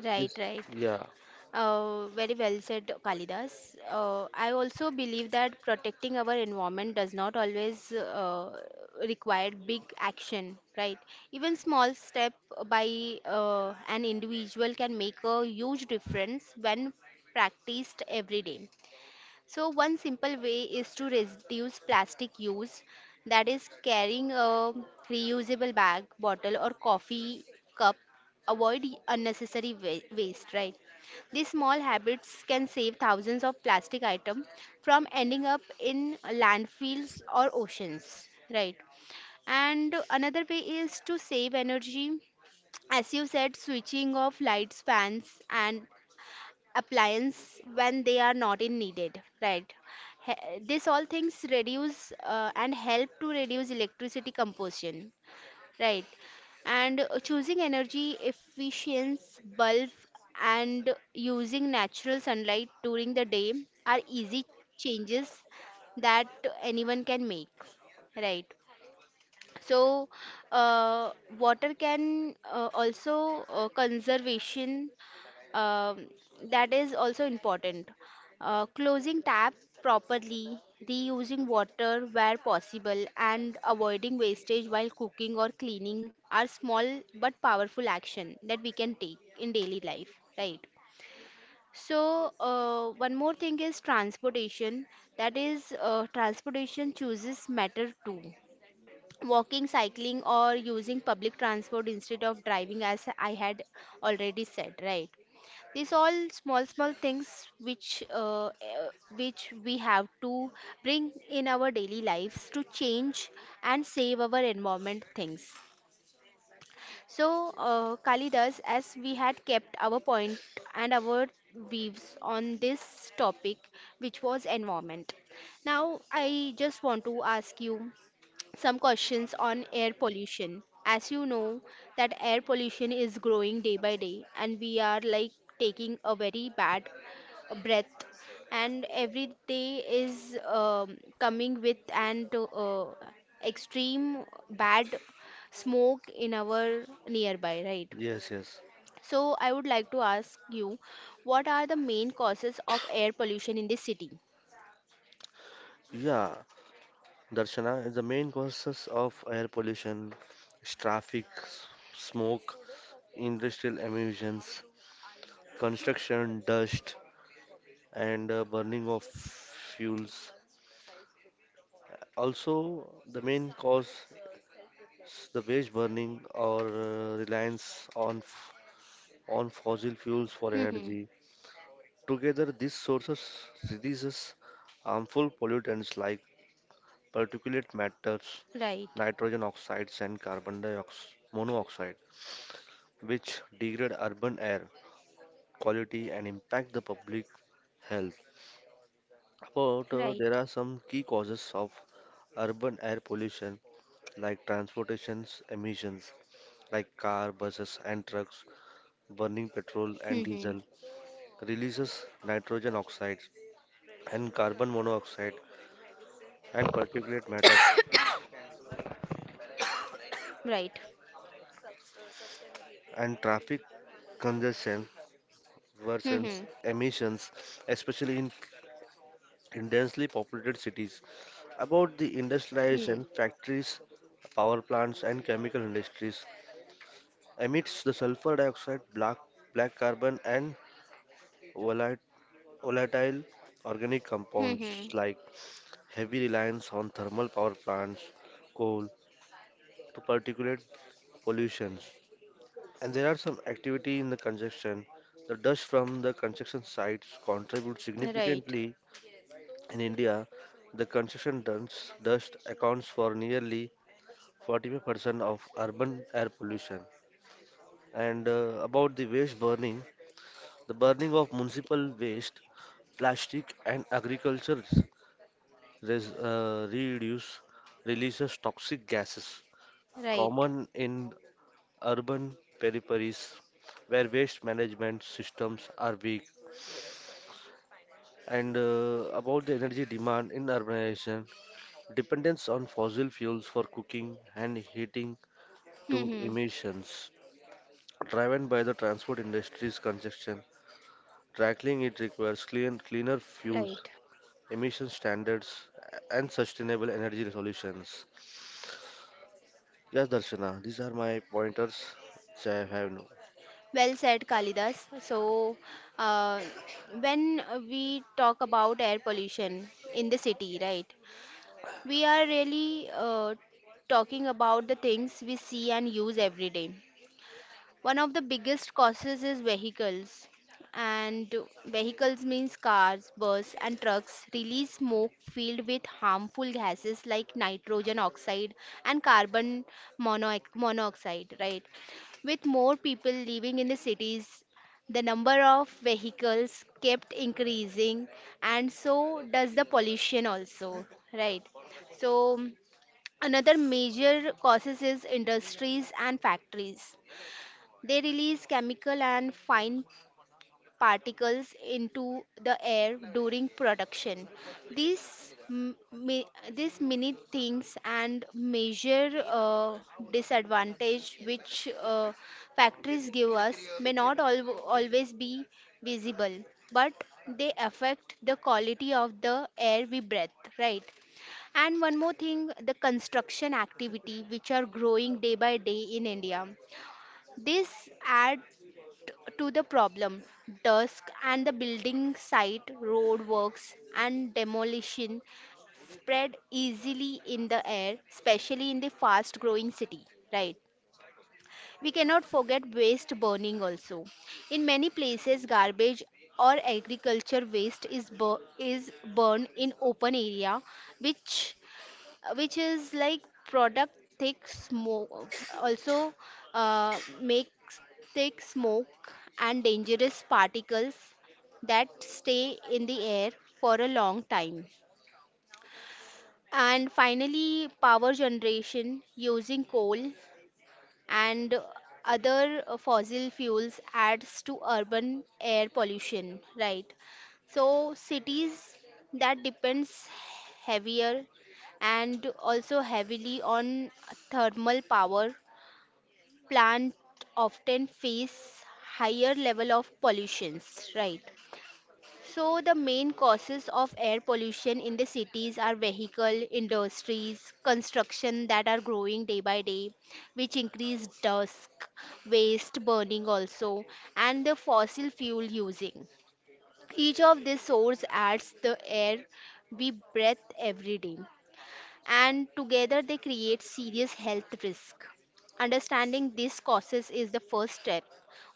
Right.
Yes,
Right.
yeah,
Uh, very well said, Kalidas. Uh, I also believe that protecting our environment does not always uh, require big action, right? Even small step by uh, an individual can make a huge difference when practiced every day. So one simple way is to reduce plastic use, that is carrying a reusable bag, bottle or coffee cup, avoid unnecessary wa- waste, right? These small habits can save thousands of plastic items from ending up in landfills or oceans, right? And another way is to save energy, as you said, switching off lights, fans, and appliance when they are not in needed, right. He- this all things reduce uh, and help to reduce electricity composition, right. And uh, choosing energy efficient bulb and using natural sunlight during the day are easy changes that anyone can make, right. So uh, water can uh, also uh, conservation, um, that is also important. Uh, closing tap properly, reusing water where possible, and avoiding wastage while cooking or cleaning are small but powerful action that we can take in daily life, right? So, uh, one more thing is transportation. That is, uh, transportation chooses matter too. Walking, cycling, or using public transport instead of driving, as I had already said, right? These all small small things which uh, uh, which we have to bring in our daily lives to change and save our environment things. So uh, Kalidas, as we had kept our point and our views on this topic, which was environment. Now I just want to ask you some questions on air pollution. As you know, that air pollution is growing day by day, and we are like taking a very bad breath. And every day is um, coming with an uh, extreme bad smoke in our nearby, right?
yes, yes,
So, I would like to ask you, what are the main causes of air pollution in the city?
yeah. Darshana is the main causes of air pollution, is traffic, s- smoke, industrial emissions, construction, dust, and uh, burning of fuels. Also, the main cause is the waste burning or uh, reliance on f- on fossil fuels for
Hmm.
energy. Together, these sources releases harmful pollutants like particulate matters,
Right.
nitrogen oxides, and carbon dioxide monoxide, which degrade urban air quality and impact the public health. But uh,
Right.
there are some key causes of urban air pollution like transportation emissions like car, buses and trucks burning petrol and
Hmm.
diesel, releases nitrogen oxides and carbon monoxide and particulate matter.
Right.
And traffic congestion worsens emissions, especially in in densely populated cities. About the
Hmm.
industrialization, factories, power plants, and chemical industries emits the sulfur dioxide, black, black carbon, and volat- volatile organic
Hmm.
compounds like heavy reliance on thermal power plants, coal, to particulate pollutions. And there are some activity in the construction. The dust from the construction sites contributes
Right.
significantly. In India, the construction dust, dust accounts for nearly forty-five percent of urban air pollution. And uh, about the waste burning, the burning of municipal waste, plastic, and agriculture res- uh, reduce releases toxic gases
Right.
common in urban peripheries where waste management systems are weak. And uh, about the energy demand in urbanization, dependence on fossil fuels for cooking and heating to
Hmm.
emissions driven by the transport industry's congestion. Tackling it requires clean, cleaner fuels,
Right.
emission standards, and sustainable energy solutions. Yes, Darshana, these are my pointers which I have no.
Well said, Kalidas. So, uh, when we talk about air pollution in the city, right, we are really uh, talking about the things we see and use every day. One of the biggest causes is vehicles. And vehicles means cars, bus and trucks release smoke filled with harmful gases like nitrogen oxide and carbon mono- monoxide, right? With more people living in the cities, the number of vehicles kept increasing and so does the pollution also, right? So another major causes is industries and factories, they release chemical and fine particles into the air during production. These m- mi- these mini things and major uh, disadvantage which uh, factories give us may not al- always be visible, but they affect the quality of the air we breathe, right? And one more thing, the construction activity which are growing day by day in India. This add to the problem. Dusk and the building site, road works and demolition spread easily in the air, especially in the fast growing city, right. We cannot forget waste burning also. In many places garbage or agriculture waste is bur- is burned in open area which which is like product thick smoke, also uh, makes thick smoke and dangerous particles that stay in the air for a long time. And finally power generation using coal and other uh, fossil fuels adds to urban air pollution, right. So cities that depends heavier and also heavily on thermal power plant often face higher level of pollutions, right. So, the main causes of air pollution in the cities are vehicle, industries, construction that are growing day by day, which increase dust, waste burning also, and the fossil fuel using. Each of these sources adds the air we breathe every day and together they create serious health risk. Understanding these causes is the first step.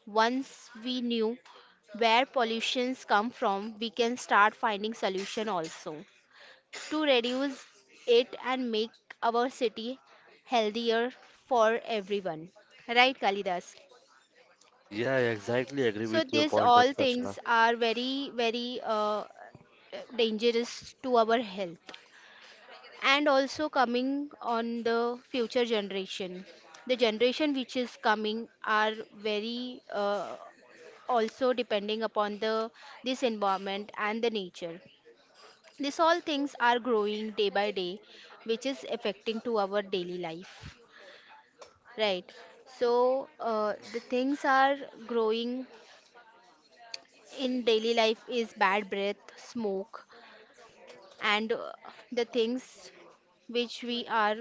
Once we knew where pollutions come from, we can start finding solution also to reduce it and make our city healthier for everyone. Right, Kalidas?
Yeah, I exactly agree
So
with your
these
pointers,
all
Darshana.
things are very, very uh, dangerous to our health. And also coming on the future generation, the generation which is coming are very uh, also depending upon the this environment and the nature. These all things are growing day by day which is affecting to our daily life, right. So uh, the things are growing in daily life is bad breath smoke and uh, the things which we are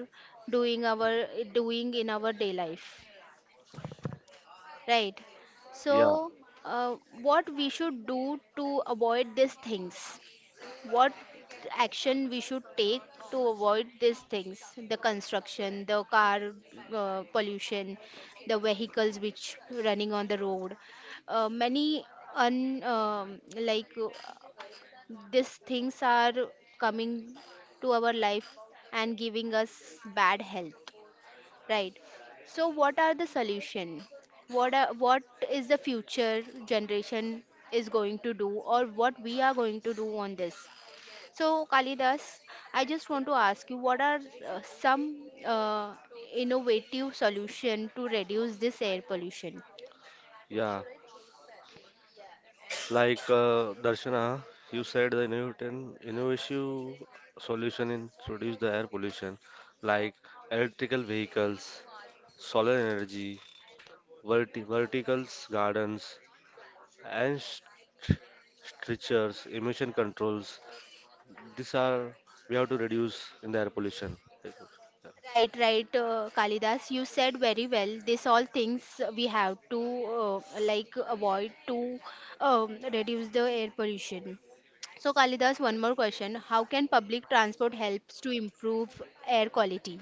doing our doing in our day life, right.
Yeah,
So uh, what we should do to avoid these things, what action we should take to avoid these things, the construction, the car uh, pollution, the vehicles which running on the road, uh, many un um, like these things are coming to our life and giving us bad health, right? So what are the solution? What are, what is the future generation is going to do or what we are going to do on this? So Kalidas, I just want to ask you what are uh, some uh, innovative solution to reduce this air pollution?
yeah. Like uh, Darshana, you said the innovative, innovative solution in to reduce the air pollution, like electrical vehicles, solar energy, verti verticals gardens, and st strictures, emission controls. These are we have to reduce in the air pollution.
Right, right, uh, Kalidas, you said very well. These all things we have to uh, like avoid to um, reduce the air pollution. So, Kalidas, one more question. How can public transport helps to improve air quality?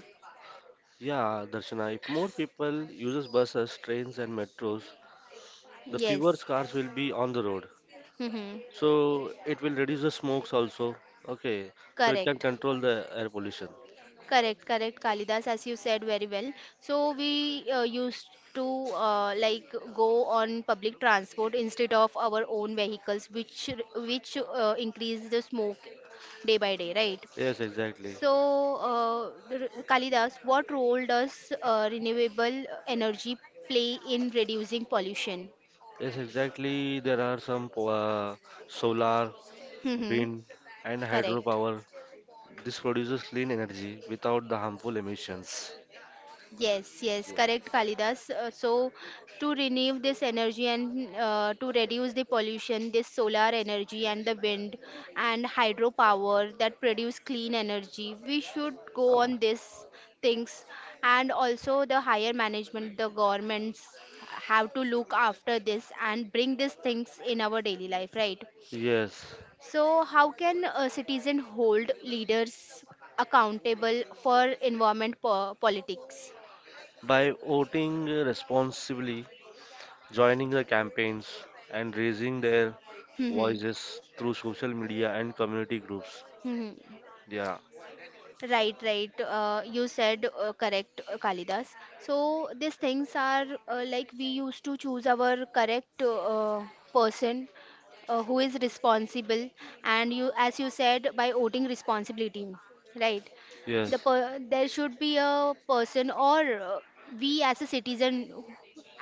Yeah, Darshana, if more people uses buses, trains, and metros, the fewer
Yes.
cars will be on the road,
Mm-hmm.
so it will reduce the smokes also. Okay, so it can
Correct.
control the air pollution.
Correct, correct, Kalidas, as you said very well. So we uh, used to uh, like go on public transport instead of our own vehicles, which which uh, increase the smoke day by day, right?
Yes, exactly.
So uh, r- Kalidas, what role does uh, renewable energy play in reducing pollution?
Yes, exactly. There are some po- uh, solar,
Mm-hmm.
wind, and
Correct.
hydropower. This produces clean energy without the harmful emissions.
Yes, yes,
Yeah.
correct, Kalidas. Uh, so, to renew this energy and uh, to reduce the pollution, this solar energy and the wind and hydropower that produce clean energy, we should go on these things. And also, the higher management, the governments have to look after this and bring these things in our daily life, right?
Yes,
So, how can a citizen hold leaders accountable for environment po politics?
by voting responsibly, joining the campaigns, and raising their voices through social media and community groups.
Mhm.
Yeah.
Right, right. Uh, you said uh, correct, uh, Kalidas. So these things are uh, like we used to choose our correct uh, person uh, who is responsible, and you, as you said, by voting responsibility, right? The
Yes.
per there should be a person, or uh, we as a citizen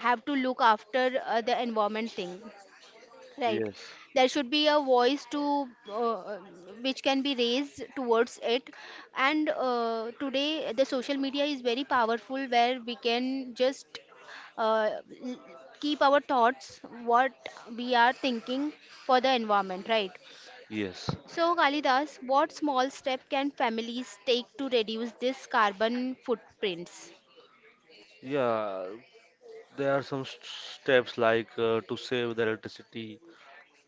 have to look after uh, the environment thing. Right.
Yes.
There should be a voice to uh, which can be raised towards it. And uh, today, the social media is very powerful where we can just uh, l- keep our thoughts, what we are thinking for the environment, right?
Yes.
So, Kalidas, what small step can families take to reduce this carbon footprints?
Yeah. There are some st- steps like uh, to save the electricity.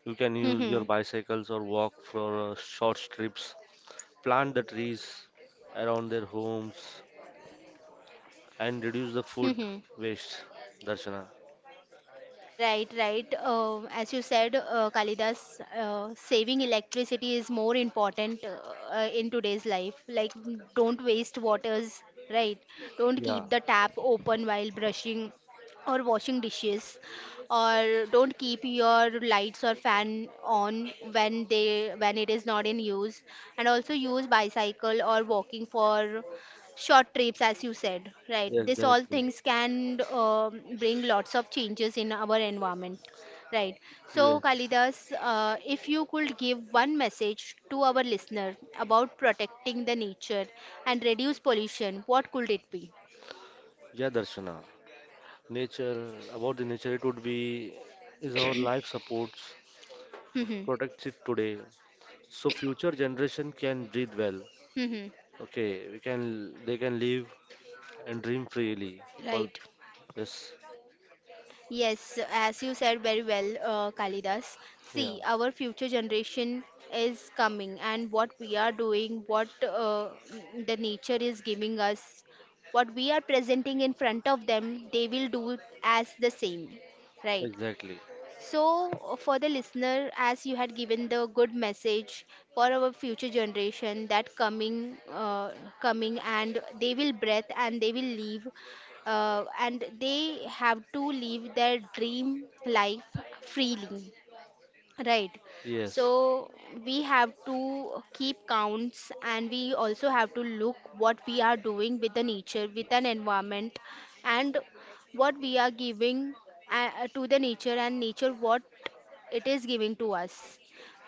You can use your bicycles or walk for uh, short trips. Plant the trees around their homes and reduce the food waste, Darshana.
Right, right. Uh, as you said, uh, Kalidas, uh, saving electricity is more important uh, uh, in today's life. Like, don't waste waters, right? Don't
Yeah,
keep the tap open while brushing or washing dishes, or don't keep your lights or fan on when they when it is not in use. And also use bicycle or walking for short trips as you said, right. This all
exactly.
things can um, bring lots of changes in our environment, right. So
Yeah,
Kalidas, uh, if you could give one message to our listener about protecting the nature and reduce pollution, what could it be?
yeah, Darshana. Nature, about the nature, it would be is our life supports,
Mhm.
protects it today, so future generation can breathe well.
Mhm.
Okay, we can, they can live and dream freely. Well,
Right.
yes,
Yes, so as you said very well, uh, Kalidas.
yeah,
See, our future generation is coming, and what we are doing, what uh, mm, the nature is giving us, what we are presenting in front of them, they will do as the same, right?
exactly.
So, uh, for the listener, as you had given the good message for our future generation that coming, uh, coming, and they will breath and they will leave, uh, and they have to live their dream life freely. Right.
Yes,
So we have to keep counts and we also have to look what we are doing with the nature, with an environment and what we are giving uh, uh, to the nature and nature what it is giving to us.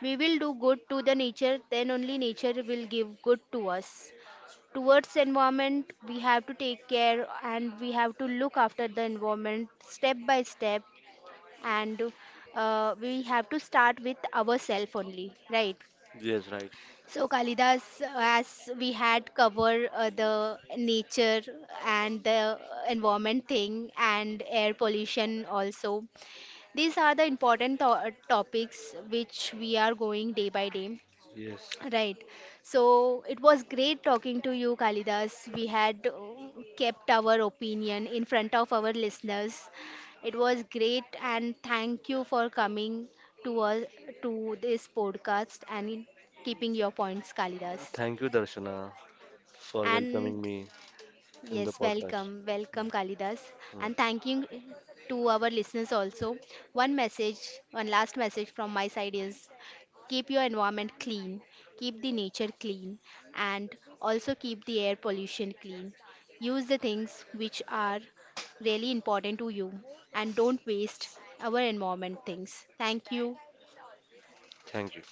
We will do good to the nature, then only nature will give good to us. Towards environment, we have to take care and we have to look after the environment step by step and uh, we have to start with ourselves only, right?
yes, right.
So, Kalidas, as we had covered uh, the nature and the environment thing and air pollution also, these are the important to- topics which we are going day by day.
Yes.
Right. So it was great talking to you, Kalidas. We had uh, kept our opinion in front of our listeners. It was great, and thank you for coming to us to this podcast and in keeping your points, Kalidas.
Thank you, Darshana, for
And
welcoming me in the
yes,
podcast.
welcome,
Mm,
welcome Kalidas,
mm.
and thank you to our listeners also. One message, one last message from my side is keep your environment clean, keep the nature clean, and also keep the air pollution clean. Use the things which are really important to you and don't waste our environment things. Thank you.
Thank you.